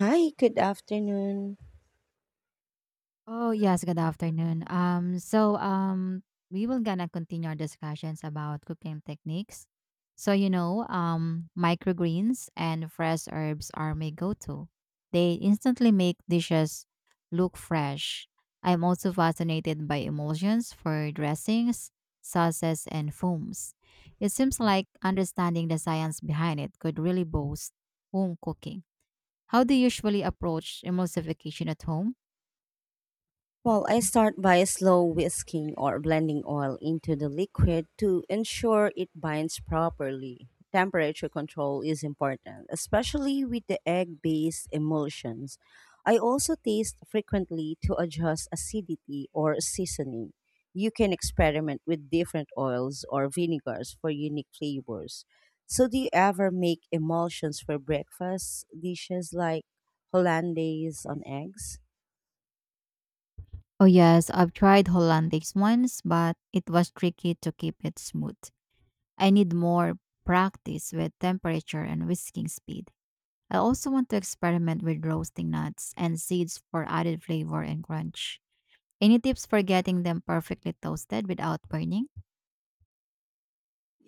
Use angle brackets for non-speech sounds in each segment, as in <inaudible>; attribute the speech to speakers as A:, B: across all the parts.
A: Hi, good afternoon.
B: Oh, yes, good afternoon. We will gonna continue our discussions about cooking techniques. Microgreens and fresh herbs are my go-to. They instantly make dishes look fresh. I'm also fascinated by emulsions for dressings, sauces, and foams. It seems like understanding the science behind it could really boost home cooking. How do you usually approach emulsification at home?
A: Well, I start by slow whisking or blending oil into the liquid to ensure it binds properly. Temperature control is important, especially with the egg based emulsions. I also taste frequently to adjust acidity or seasoning. You can experiment with different oils or vinegars for unique flavors. So, do you ever make emulsions for breakfast dishes like hollandaise on eggs?
B: Oh yes, I've tried Hollandics once, but it was tricky to keep it smooth. I need more practice with temperature and whisking speed. I also want to experiment with roasting nuts and seeds for added flavor and crunch. Any tips for getting them perfectly toasted without burning?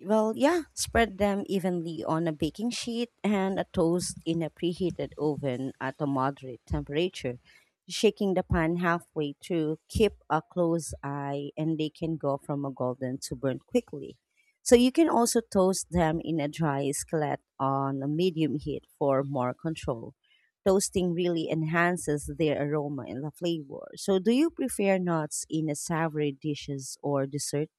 A: Well, yeah, spread them evenly on a baking sheet and a toast in a preheated oven at a moderate temperature. Shaking the pan halfway through, keep a close eye, and they can go from a golden to burnt quickly. So you can also toast them in a dry skillet on a medium heat for more control. Toasting really enhances their aroma and the flavor. So, do you prefer nuts in a savory dishes or desserts?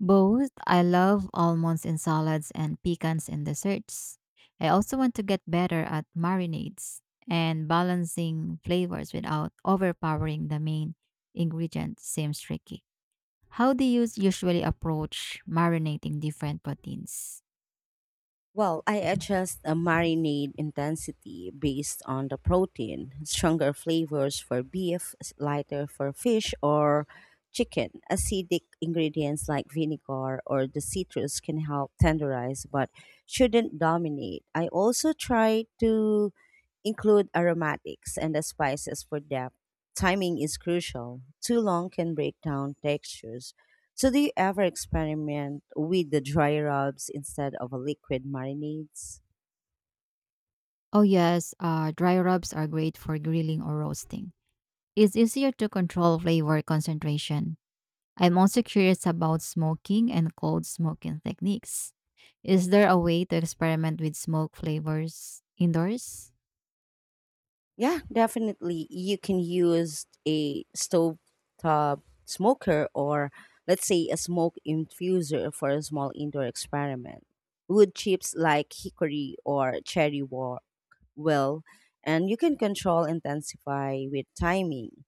B: Both. I love almonds in salads and pecans in desserts. I also want to get better at marinades and balancing flavors without overpowering the main ingredient seems tricky. How do you usually approach marinating different proteins?
A: Well, I adjust a marinade intensity based on the protein. Stronger flavors for beef, lighter for fish or chicken. Acidic ingredients like vinegar or the citrus can help tenderize but shouldn't dominate. I also try to include aromatics and the spices for depth. Timing is crucial. Too long can break down textures. So, do you ever experiment with the dry rubs instead of a liquid marinades?
B: Oh yes, dry rubs are great for grilling or roasting. It's easier to control flavor concentration. I'm also curious about smoking and cold smoking techniques. Is there a way to experiment with smoke flavors indoors?
A: Yeah, definitely. You can use a stovetop smoker or, let's say, a smoke infuser for a small indoor experiment. Wood chips like hickory or cherry work well, and you can control intensify with timing.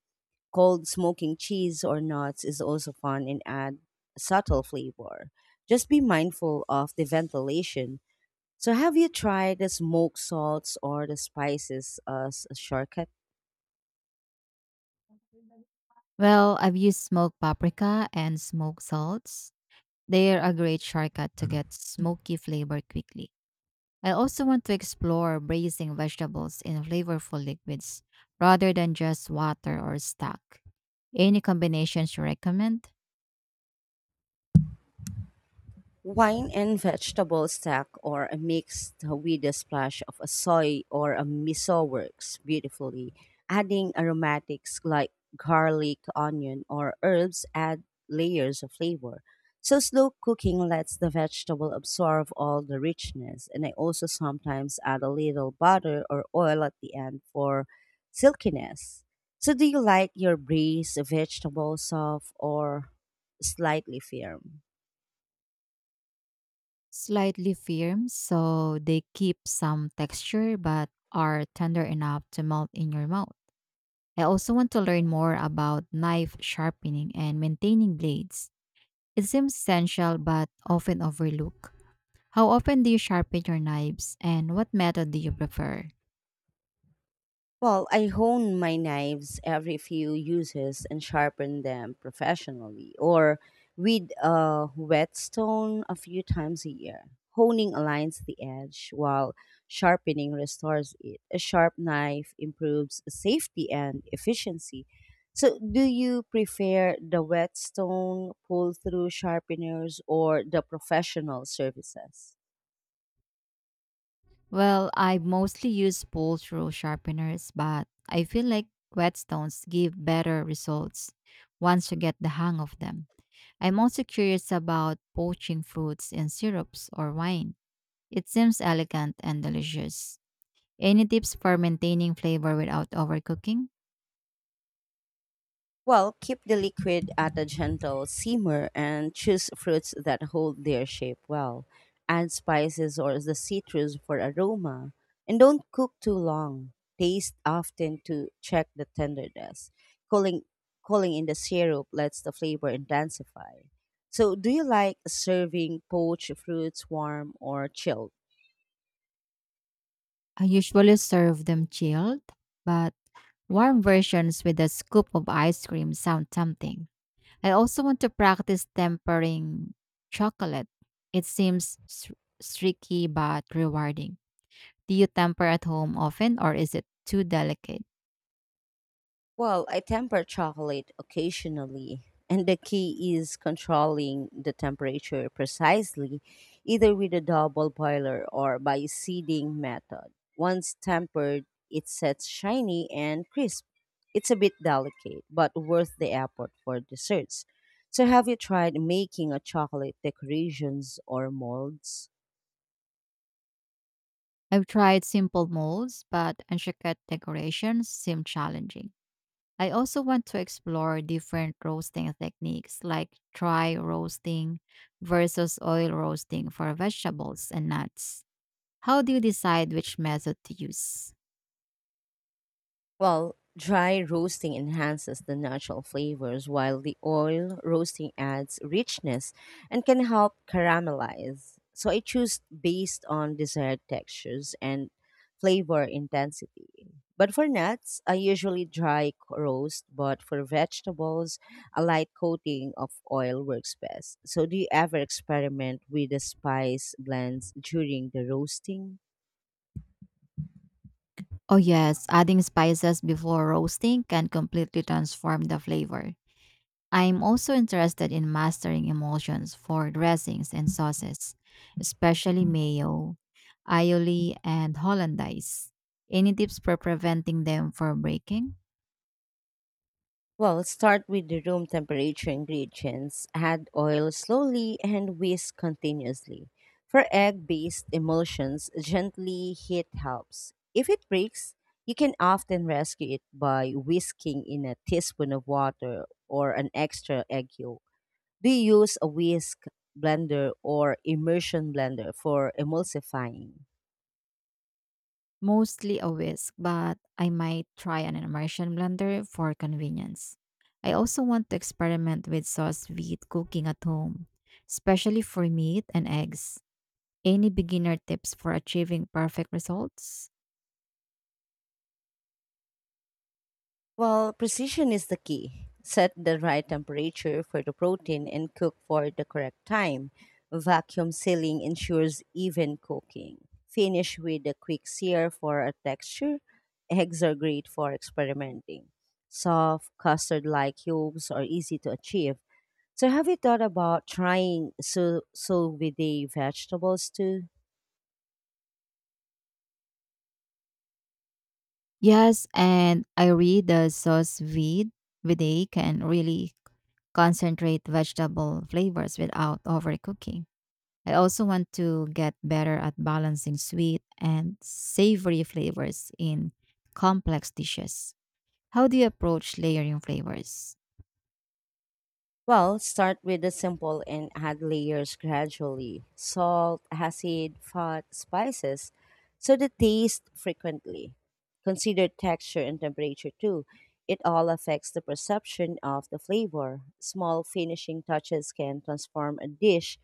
A: Cold smoking cheese or nuts is also fun and add a subtle flavor. Just be mindful of the ventilation. So have you tried the smoked salts or the spices as a shortcut?
B: Well, I've used smoked paprika and smoked salts. They are a great shortcut to get smoky flavor quickly. I also want to explore braising vegetables in flavorful liquids rather than just water or stock. Any combinations you recommend?
A: Wine and vegetable stack or a mixed with a splash of a soy or a miso works beautifully. Adding aromatics like garlic, onion, or herbs add layers of flavor. So slow cooking lets the vegetable absorb all the richness, and I also sometimes add a little butter or oil at the end for silkiness. So do you like your braised vegetable soft or slightly firm?
B: Slightly firm, so they keep some texture but are tender enough to melt in your mouth. I also want to learn more about knife sharpening and maintaining blades. It seems essential but often overlooked. How often do you sharpen your knives and what method do you prefer?
A: Well, I hone my knives every few uses and sharpen them professionally or with a whetstone a few times a year. Honing aligns the edge while sharpening restores it. A sharp knife improves safety and efficiency. So, do you prefer the whetstone pull through sharpeners or the professional services?
B: Well, I mostly use pull through sharpeners, but I feel like whetstones give better results once you get the hang of them. I'm also curious about poaching fruits in syrups or wine. It seems elegant and delicious. Any tips for maintaining flavor without overcooking?
A: Well, keep the liquid at a gentle simmer and choose fruits that hold their shape well. Add spices or the citrus for aroma and don't cook too long. Taste often to check the tenderness. Cooling, cooling in the syrup lets the flavor intensify. So, do you like serving poached fruits warm or chilled?
B: I usually serve them chilled, but warm versions with a scoop of ice cream sound tempting. I also want to practice tempering chocolate. It seems tricky but rewarding. Do you temper at home often or is it too delicate?
A: Well, I temper chocolate occasionally, and the key is controlling the temperature precisely, either with a double boiler or by seeding method. Once tempered, it sets shiny and crisp. It's a bit delicate, but worth the effort for desserts. So, have you tried making a chocolate decorations or molds?
B: I've tried simple molds, but intricate decorations seem challenging. I also want to explore different roasting techniques like dry roasting versus oil roasting for vegetables and nuts. How do you decide which method to use?
A: Well, dry roasting enhances the natural flavors while the oil roasting adds richness and can help caramelize. So I choose based on desired textures and flavor intensity. But for nuts, I usually dry roast, but for vegetables, a light coating of oil works best. So do you ever experiment with the spice blends during the roasting?
B: Oh, yes, adding spices before roasting can completely transform the flavor. I'm also interested in mastering emulsions for dressings and sauces, especially mayo, aioli, and hollandaise. Any tips for preventing them from breaking?
A: Well, let's start with the room temperature ingredients. Add oil slowly and whisk continuously. For egg based emulsions, gently heat helps. If it breaks, you can often rescue it by whisking in a teaspoon of water or an extra egg yolk. Do you use a whisk blender or immersion blender for emulsifying?
B: Mostly a whisk, but I might try an immersion blender for convenience. I also want to experiment with sauce vide cooking at home, especially for meat and eggs. Any beginner tips for achieving perfect results?
A: Well, precision is the key. Set the right temperature for the protein and cook for the correct time. Vacuum sealing ensures even cooking. Finish with a quick sear for a texture. Eggs are great for experimenting. Soft, custard like cubes are easy to achieve. So, have you thought about trying sous vide vegetables too?
B: Yes, and I read the sauce vide can really concentrate vegetable flavors without overcooking. I also want to get better at balancing sweet and savory flavors in complex dishes. How do you approach layering flavors?
A: Well, start with the simple and add layers gradually. Salt, acid, fat, spices, so the taste frequently. Consider texture and temperature too. It all affects the perception of the flavor. Small finishing touches can transform a dish.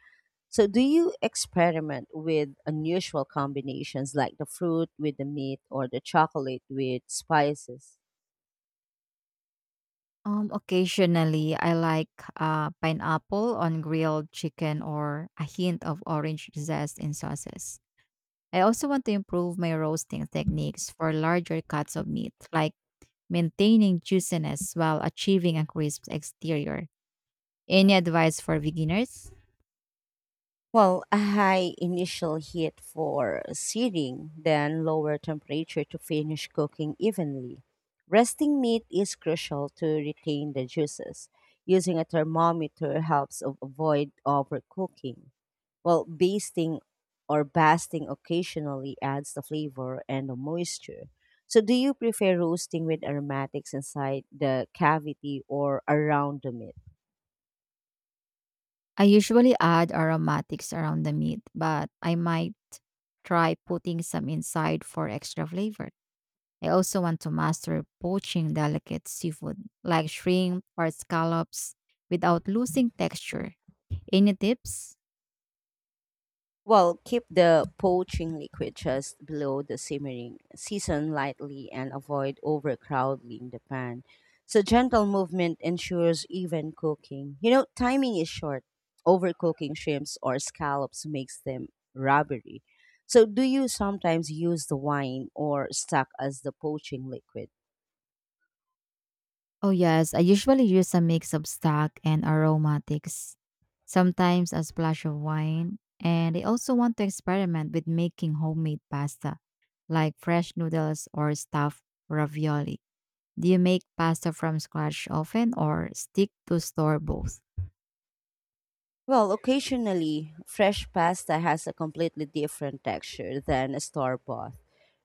A: So, do you experiment with unusual combinations like the fruit with the meat or the chocolate with spices?
B: Occasionally, I like pineapple on grilled chicken or a hint of orange zest in sauces. I also want to improve my roasting techniques for larger cuts of meat, like maintaining juiciness while achieving a crisp exterior. Any advice for beginners?
A: Well, a high initial heat for searing, then lower temperature to finish cooking evenly. Resting meat is crucial to retain the juices. Using a thermometer helps avoid overcooking. Well, basting or basting occasionally adds the flavor and the moisture. So, do you prefer roasting with aromatics inside the cavity or around the meat?
B: I usually add aromatics around the meat, but I might try putting some inside for extra flavor. I also want to master poaching delicate seafood like shrimp or scallops without losing texture. Any tips?
A: Well, keep the poaching liquid just below the simmering. Season lightly and avoid overcrowding the pan. So gentle movement ensures even cooking. You know, timing is short. Overcooking shrimps or scallops makes them rubbery. So do you sometimes use the wine or stock as the poaching liquid?
B: Oh, yes. I usually use a mix of stock and aromatics, sometimes a splash of wine. And I also want to experiment with making homemade pasta, like fresh noodles or stuffed ravioli. Do you make pasta from scratch often or stick to store both?
A: Well, occasionally, fresh pasta has a completely different texture than a store bought.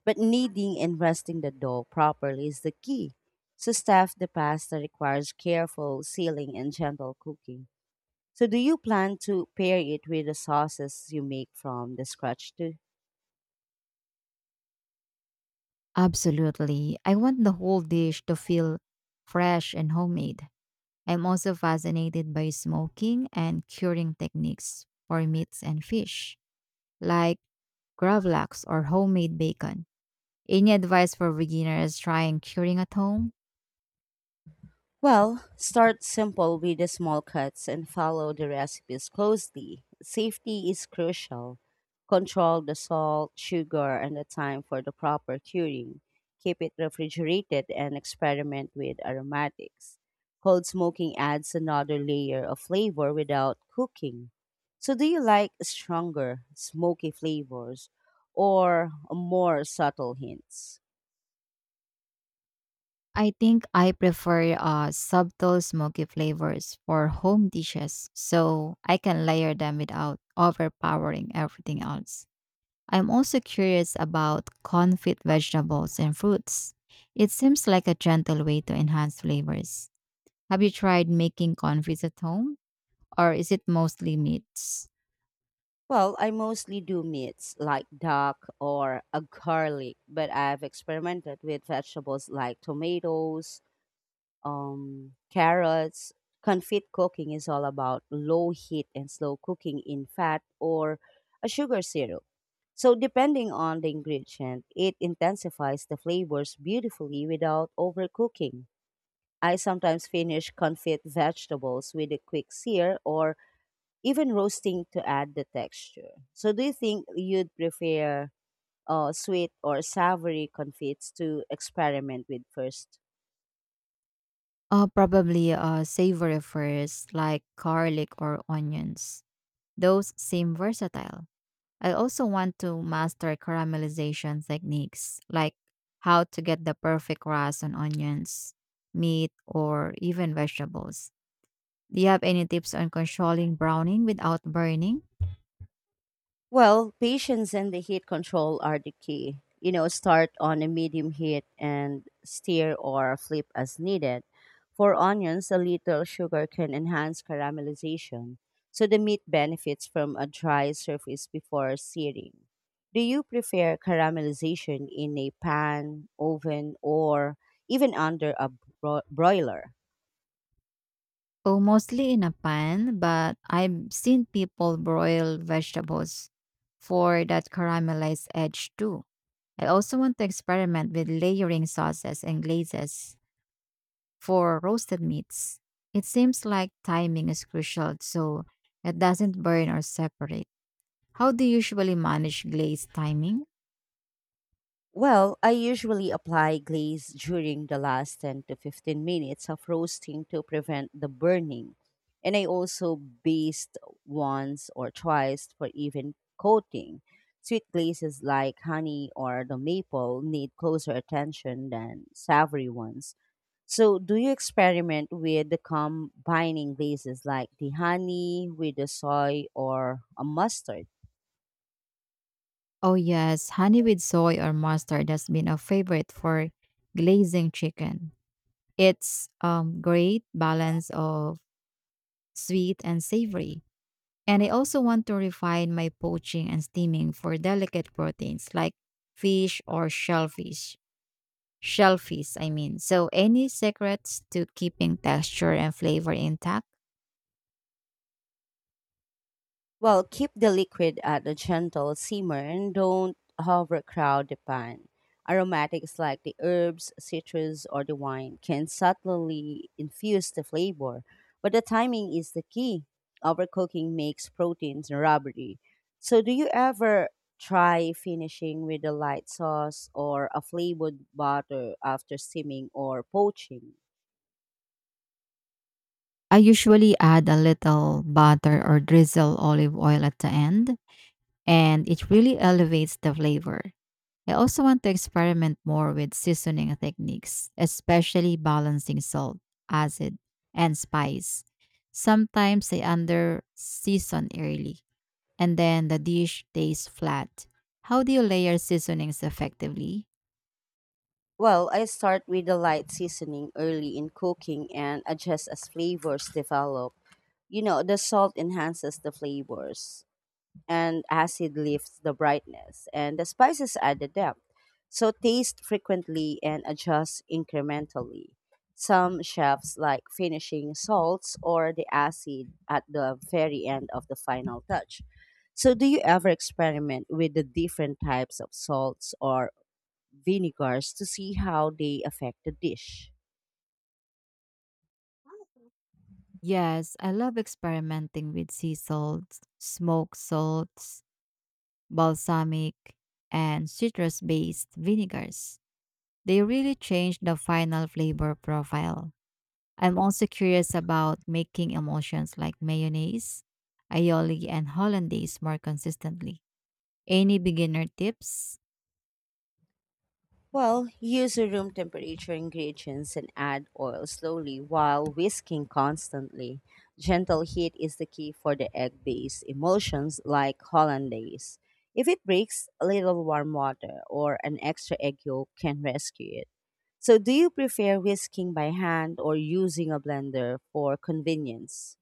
A: But kneading and resting the dough properly is the key. So, staff the pasta requires careful sealing and gentle cooking. So, do you plan to pair it with the sauces you make from the scratch too?
B: Absolutely. I want the whole dish to feel fresh and homemade. I'm also fascinated by smoking and curing techniques for meats and fish like gravlax, or homemade bacon. Any advice for beginners trying curing at home?
A: Well, start simple with the small cuts and follow the recipes closely. Safety is crucial. Control the salt, sugar, and the time for the proper curing. Keep it refrigerated and experiment with aromatics. Cold smoking adds another layer of flavor without cooking. So, do you like stronger, smoky flavors or more subtle hints?
B: I think I prefer subtle smoky flavors for home dishes so I can layer them without overpowering everything else. I'm also curious about confit vegetables and fruits. It seems like a gentle way to enhance flavors. Have you tried making confits at home or is it mostly meats?
A: Well, I mostly do meats like duck or a garlic, but I've experimented with vegetables like tomatoes, carrots. Confit cooking is all about low heat and slow cooking in fat or a sugar syrup. So, depending on the ingredient, it intensifies the flavors beautifully without overcooking. I sometimes finish confit vegetables with a quick sear or even roasting to add the texture. So, do you think you'd prefer sweet or savory confites to experiment with first?
B: Probably savory first, like garlic or onions. Those seem versatile. I also want to master caramelization techniques, like how to get the perfect crust on onions, meat, or even vegetables. Do you have any tips on controlling browning without burning?
A: Well, patience and the heat control are the key. You know, start on a medium heat and stir or flip as needed. For onions, a little sugar can enhance caramelization, so the meat benefits from a dry surface before searing. Do you prefer caramelization in a pan, oven, or even under a broiler?
B: Oh, mostly in a pan, but I've seen people broil vegetables for that caramelized edge too. I also want to experiment with layering sauces and glazes for roasted meats. It seems like timing is crucial so it doesn't burn or separate. How do you usually manage glaze timing?
A: Well, I usually apply glaze during the last 10 to 15 minutes of roasting to prevent the burning. And I also baste once or twice for even coating. Sweet glazes like honey or the maple need closer attention than savory ones. So, do you experiment with the combining glazes like the honey with the soy or a mustard?
B: Oh, yes, honey with soy or mustard has been a favorite for glazing chicken. It's great balance of sweet and savory. And I also want to refine my poaching and steaming for delicate proteins like fish or shellfish. Shellfish, I mean. So, any secrets to keeping texture and flavor intact?
A: Well, keep the liquid at a gentle simmer and don't overcrowd the pan. Aromatics like the herbs, citrus, or the wine can subtly infuse the flavor, but the timing is the key. Overcooking makes proteins rubbery. So, do you ever try finishing with a light sauce or a flavored butter after steaming or poaching?
B: I usually add a little butter or drizzle olive oil at the end, and it really elevates the flavor. I also want to experiment more with seasoning techniques, especially balancing salt, acid, and spice. Sometimes I under season early, and then the dish tastes flat. How do you layer seasonings effectively?
A: Well, I start with a light seasoning early in cooking and adjust as flavors develop. You know, the salt enhances the flavors and acid lifts the brightness and the spices add the depth, so taste frequently and adjust incrementally. Some chefs like finishing salts or the acid at the very end of the final touch. So do you ever experiment with the different types of salts or vinegars to see how they affect the dish?
B: Yes, I love experimenting with sea salts, smoke salts, balsamic, and citrus based vinegars. They really change the final flavor profile. I'm also curious about making emulsions like mayonnaise, aioli, and hollandaise more consistently. Any beginner tips?
A: Well, use a room temperature ingredients and add oil slowly while whisking constantly. Gentle heat is the key for the egg based emulsions like hollandaise. If it breaks, a little warm water or an extra egg yolk can rescue it. So, do you prefer whisking by hand or using a blender for convenience?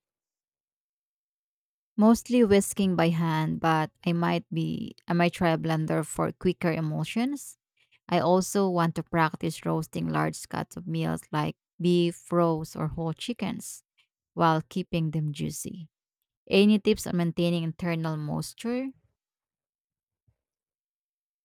B: Mostly whisking by hand, but I might try a blender for quicker emulsions. I also want to practice roasting large cuts of meals like beef, roast, or whole chickens while keeping them juicy. Any tips on maintaining internal moisture?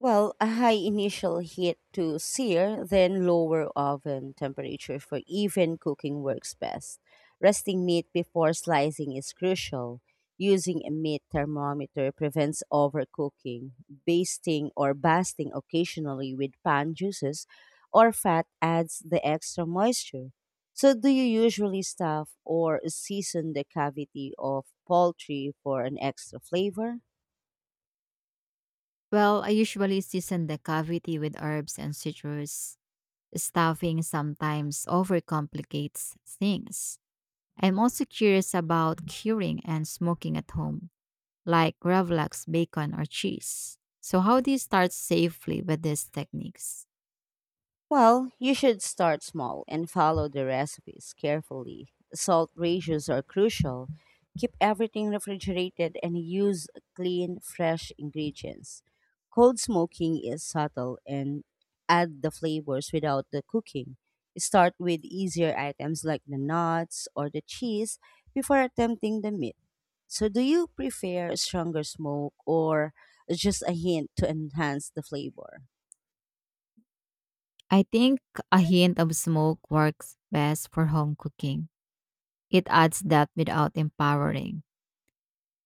A: Well, a high initial heat to sear, then lower oven temperature for even cooking works best. Resting meat before slicing is crucial. Using a meat thermometer prevents overcooking. Basting or basting occasionally with pan juices or fat adds the extra moisture. So, do you usually stuff or season the cavity of poultry for an extra flavor?
B: Well, I usually season the cavity with herbs and citrus. Stuffing sometimes overcomplicates things. I'm also curious about curing and smoking at home, like gravlax, bacon, or cheese. So, how do you start safely with these techniques?
A: Well, you should start small and follow the recipes carefully. Salt ratios are crucial. Keep everything refrigerated and use clean, fresh ingredients. Cold smoking is subtle and add the flavors without the cooking. Start with easier items like the nuts or the cheese before attempting the meat. So, do you prefer stronger smoke or just a hint to enhance the flavor?
B: I think a hint of smoke works best for home cooking. It adds depth without empowering.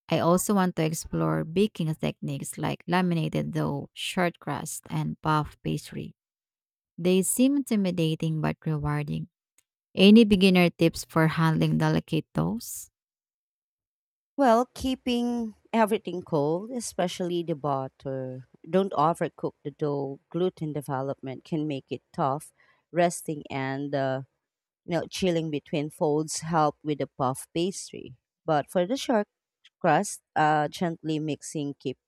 B: I also want to explore baking techniques like laminated dough, short crust, and puff pastry. They seem intimidating but rewarding. Any beginner tips for handling delicate doughs?
A: Well, keeping everything cold, especially the butter. Don't overcook the dough. Gluten development can make it tough. Resting and chilling between folds help with the puff pastry. But for the short crust, gently mixing keeps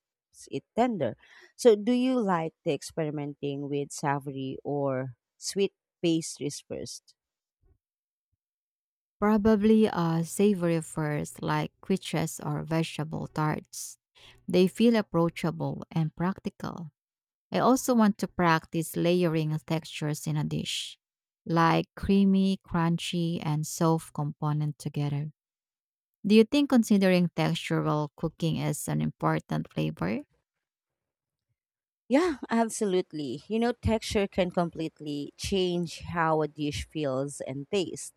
A: it tender. So, do you like the experimenting with savory or sweet pastries first?
B: Probably a savory first, like quiches or vegetable tarts. They feel approachable and practical. I also want to practice layering textures in a dish, like creamy, crunchy, and soft component together. Do you think considering textural cooking is an important flavor?
A: Yeah, absolutely. You know, texture can completely change how a dish feels and tastes.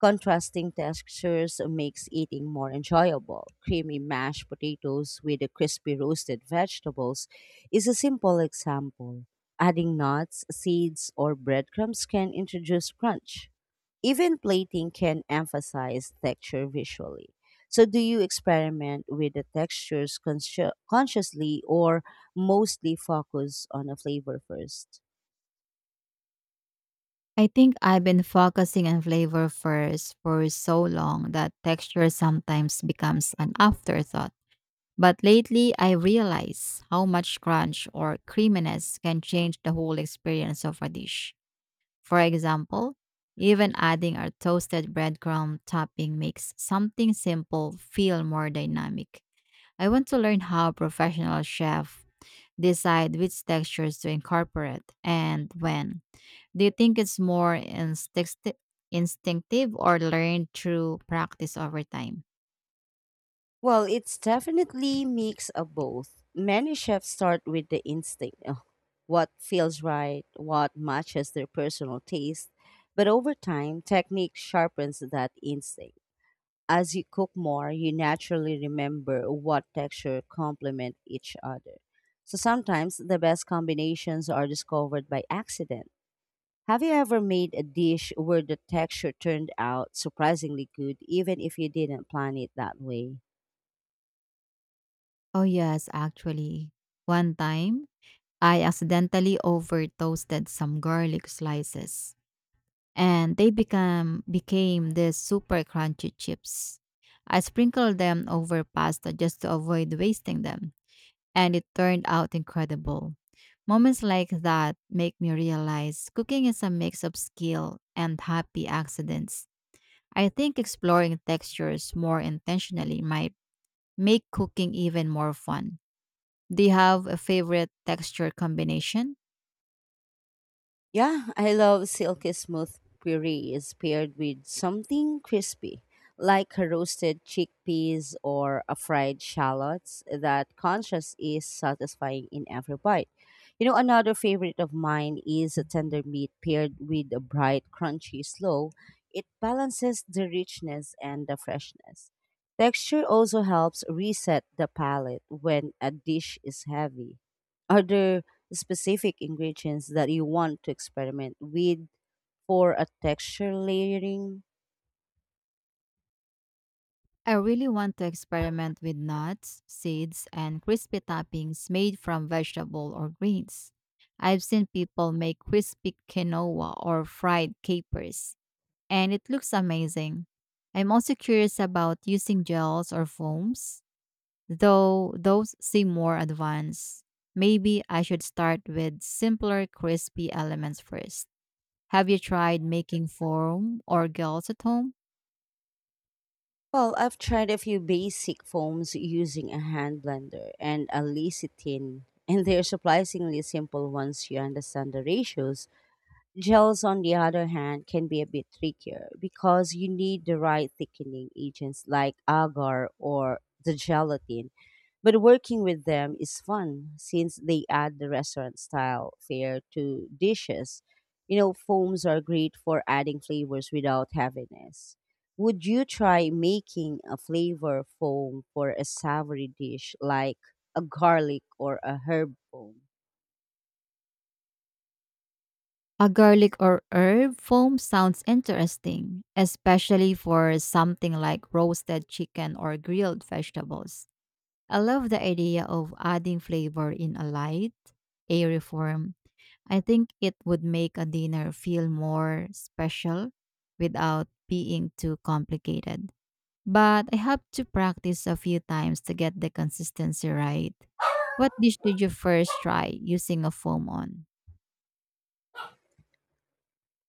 A: Contrasting textures makes eating more enjoyable. Creamy mashed potatoes with the crispy roasted vegetables is a simple example. Adding nuts, seeds, or breadcrumbs can introduce crunch. Even plating can emphasize texture visually. So, do you experiment with the textures consciously or mostly focus on the flavor first?
B: I think I've been focusing on flavor first for so long that texture sometimes becomes an afterthought. But lately, I realize how much crunch or creaminess can change the whole experience of a dish. For example, even adding a toasted breadcrumb topping makes something simple feel more dynamic. I want to learn how professional chefs decide which textures to incorporate and when. Do you think it's more instinctive or learned through practice over time?
A: Well, it's definitely mix of both. Many chefs start with the instinct, of what feels right, what matches their personal taste, but over time, technique sharpens that instinct. As you cook more, you naturally remember what texture complement each other. So sometimes the best combinations are discovered by accident. Have you ever made a dish where the texture turned out surprisingly good even if you didn't plan it that way?
B: Oh, yes, actually. One time, I accidentally over toasted some garlic slices and they become became these super crunchy chips. I sprinkled them over pasta just to avoid wasting them and it turned out incredible. Moments like that make me realize cooking is a mix of skill and happy accidents. I think exploring textures more intentionally might make cooking even more fun. Do you have a favorite texture combination?
A: Yeah, I love silky smooth purees paired with something crispy, like roasted chickpeas or a fried shallots. That contrast is satisfying in every bite. You know, another favorite of mine is a tender meat paired with a bright, crunchy slaw. It balances the richness and the freshness. Texture also helps reset the palate when a dish is heavy. Are there specific ingredients that you want to experiment with for a texture layering?
B: I really want to experiment with nuts, seeds, and crispy toppings made from vegetable or greens. I've seen people make crispy quinoa or fried capers, and it looks amazing. I'm also curious about using gels or foams, though those seem more advanced. Maybe I should start with simpler crispy elements first. Have you tried making foam or gels at home?
A: Well, I've tried a few basic foams using a hand blender and a lecithin, <laughs> and they're surprisingly simple once you understand the ratios. Gels, on the other hand, can be a bit trickier because you need the right thickening agents like agar or the gelatin. But working with them is fun since they add the restaurant style fare to dishes. You know, foams are great for adding flavors without heaviness. Would you try making a flavor foam for a savory dish like a garlic or a herb foam?
B: A garlic or herb foam sounds interesting, especially for something like roasted chicken or grilled vegetables. I love the idea of adding flavor in a light, airy form. I think it would make a dinner feel more special without being too complicated. But I have to practice a few times to get the consistency right. What dish did you first try using a foam on?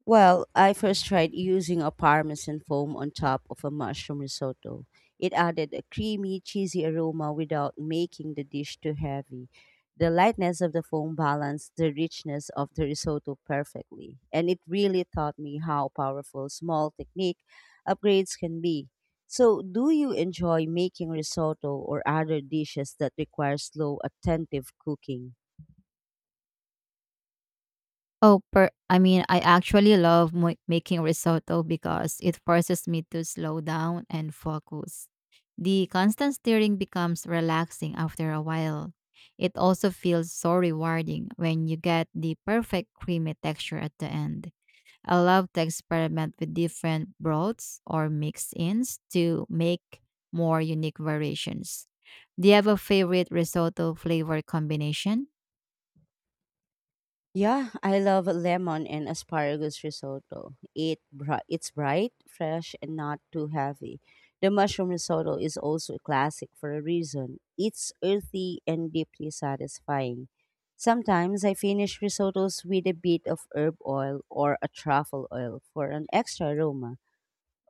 A: Well, I first tried using a parmesan foam on top of a mushroom risotto. It added a creamy, cheesy aroma without making the dish too heavy. The lightness of the foam balanced the richness of the risotto perfectly, and it really taught me how powerful small technique upgrades can be. So, do you enjoy making risotto or other dishes that require slow, attentive cooking?
B: I actually love making risotto because it forces me to slow down and focus. The constant stirring becomes relaxing after a while. It also feels so rewarding when you get the perfect creamy texture at the end. I love to experiment with different broths or mix ins to make more unique variations. Do you have a favorite risotto flavor combination?
A: Yeah, I love lemon and asparagus risotto. It's bright, fresh, and not too heavy. The mushroom risotto is also a classic for a reason. It's earthy and deeply satisfying. Sometimes I finish risottos with a bit of herb oil or a truffle oil for an extra aroma.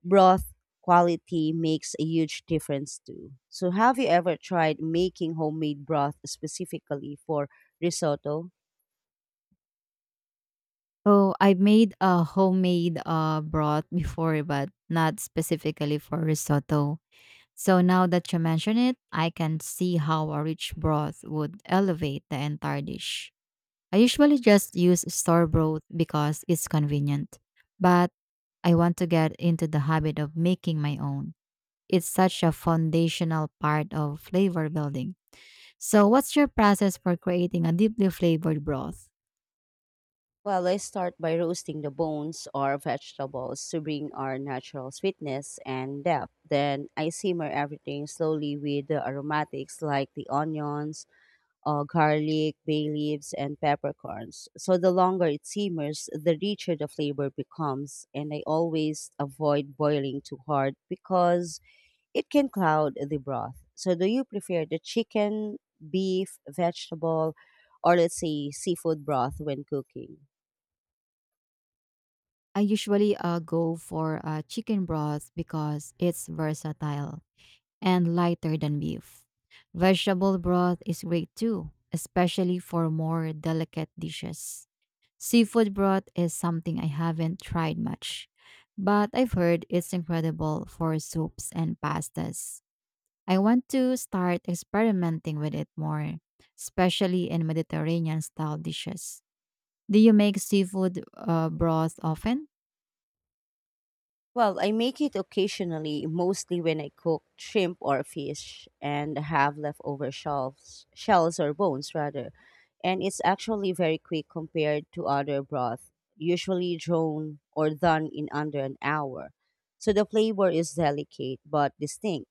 A: Broth quality makes a huge difference too. So, have you ever tried making homemade broth specifically for risotto?
B: Oh, I made a homemade broth before, but not specifically for risotto. So now that you mention it, I can see how a rich broth would elevate the entire dish. I usually just use store broth because it's convenient, but I want to get into the habit of making my own. It's such a foundational part of flavor building. So, what's your process for creating a deeply flavored broth?
A: Well, I start by roasting the bones or vegetables to bring our natural sweetness and depth. Then I simmer everything slowly with the aromatics like the onions, garlic, bay leaves, and peppercorns. So the longer it simmers, the richer the flavor becomes. And I always avoid boiling too hard because it can cloud the broth. So, do you prefer the chicken, beef, vegetable, or let's say seafood broth when cooking?
B: I usually go for chicken broth because it's versatile and lighter than beef. Vegetable broth is great too, especially for more delicate dishes. Seafood broth is something I haven't tried much, but I've heard it's incredible for soups and pastas. I want to start experimenting with it more, especially in Mediterranean style dishes. Do you make seafood broth often?
A: Well, I make it occasionally, mostly when I cook shrimp or fish and have leftover shells or bones rather. And it's actually very quick compared to other broth, usually drawn or done in under an hour. So the flavor is delicate but distinct,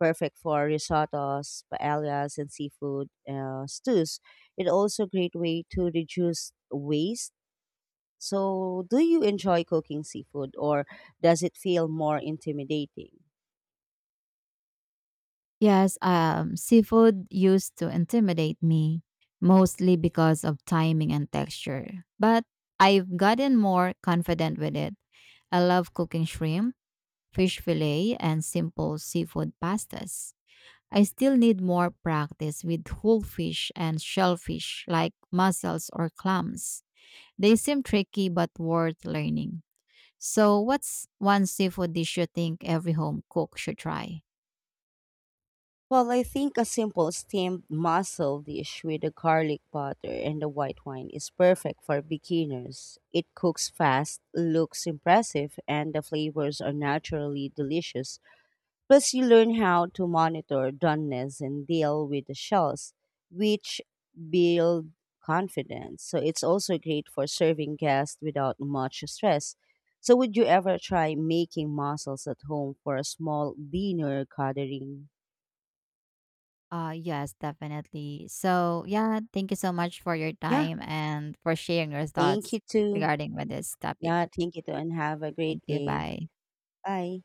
A: perfect for risottos, paellas, and seafood stews. It's also a great way to reduce waste. So, do you enjoy cooking seafood or does it feel more intimidating?
B: Yes, seafood used to intimidate me, mostly because of timing and texture. But I've gotten more confident with it. I love cooking shrimp, fish fillet, and simple seafood pastas. I still need more practice with whole fish and shellfish like mussels or clams. They seem tricky but worth learning. So, what's one seafood dish you think every home cook should try?
A: Well, I think a simple steamed mussel dish with the garlic butter and the white wine is perfect for beginners. It cooks fast, looks impressive, and the flavors are naturally delicious. Plus, you learn how to monitor doneness and deal with the shells, which build confidence. So it's also great for serving guests without much stress. So would you ever try making mussels at home for a small dinner gathering?
B: Yes, definitely. So, yeah, thank you so much for your
A: Yeah.
B: time and for sharing your
A: Thank
B: thoughts
A: you too.
B: regarding with this topic.
A: Yeah, thank you too and have a
B: Thank
A: great
B: you.
A: day.
B: Bye.
A: Bye.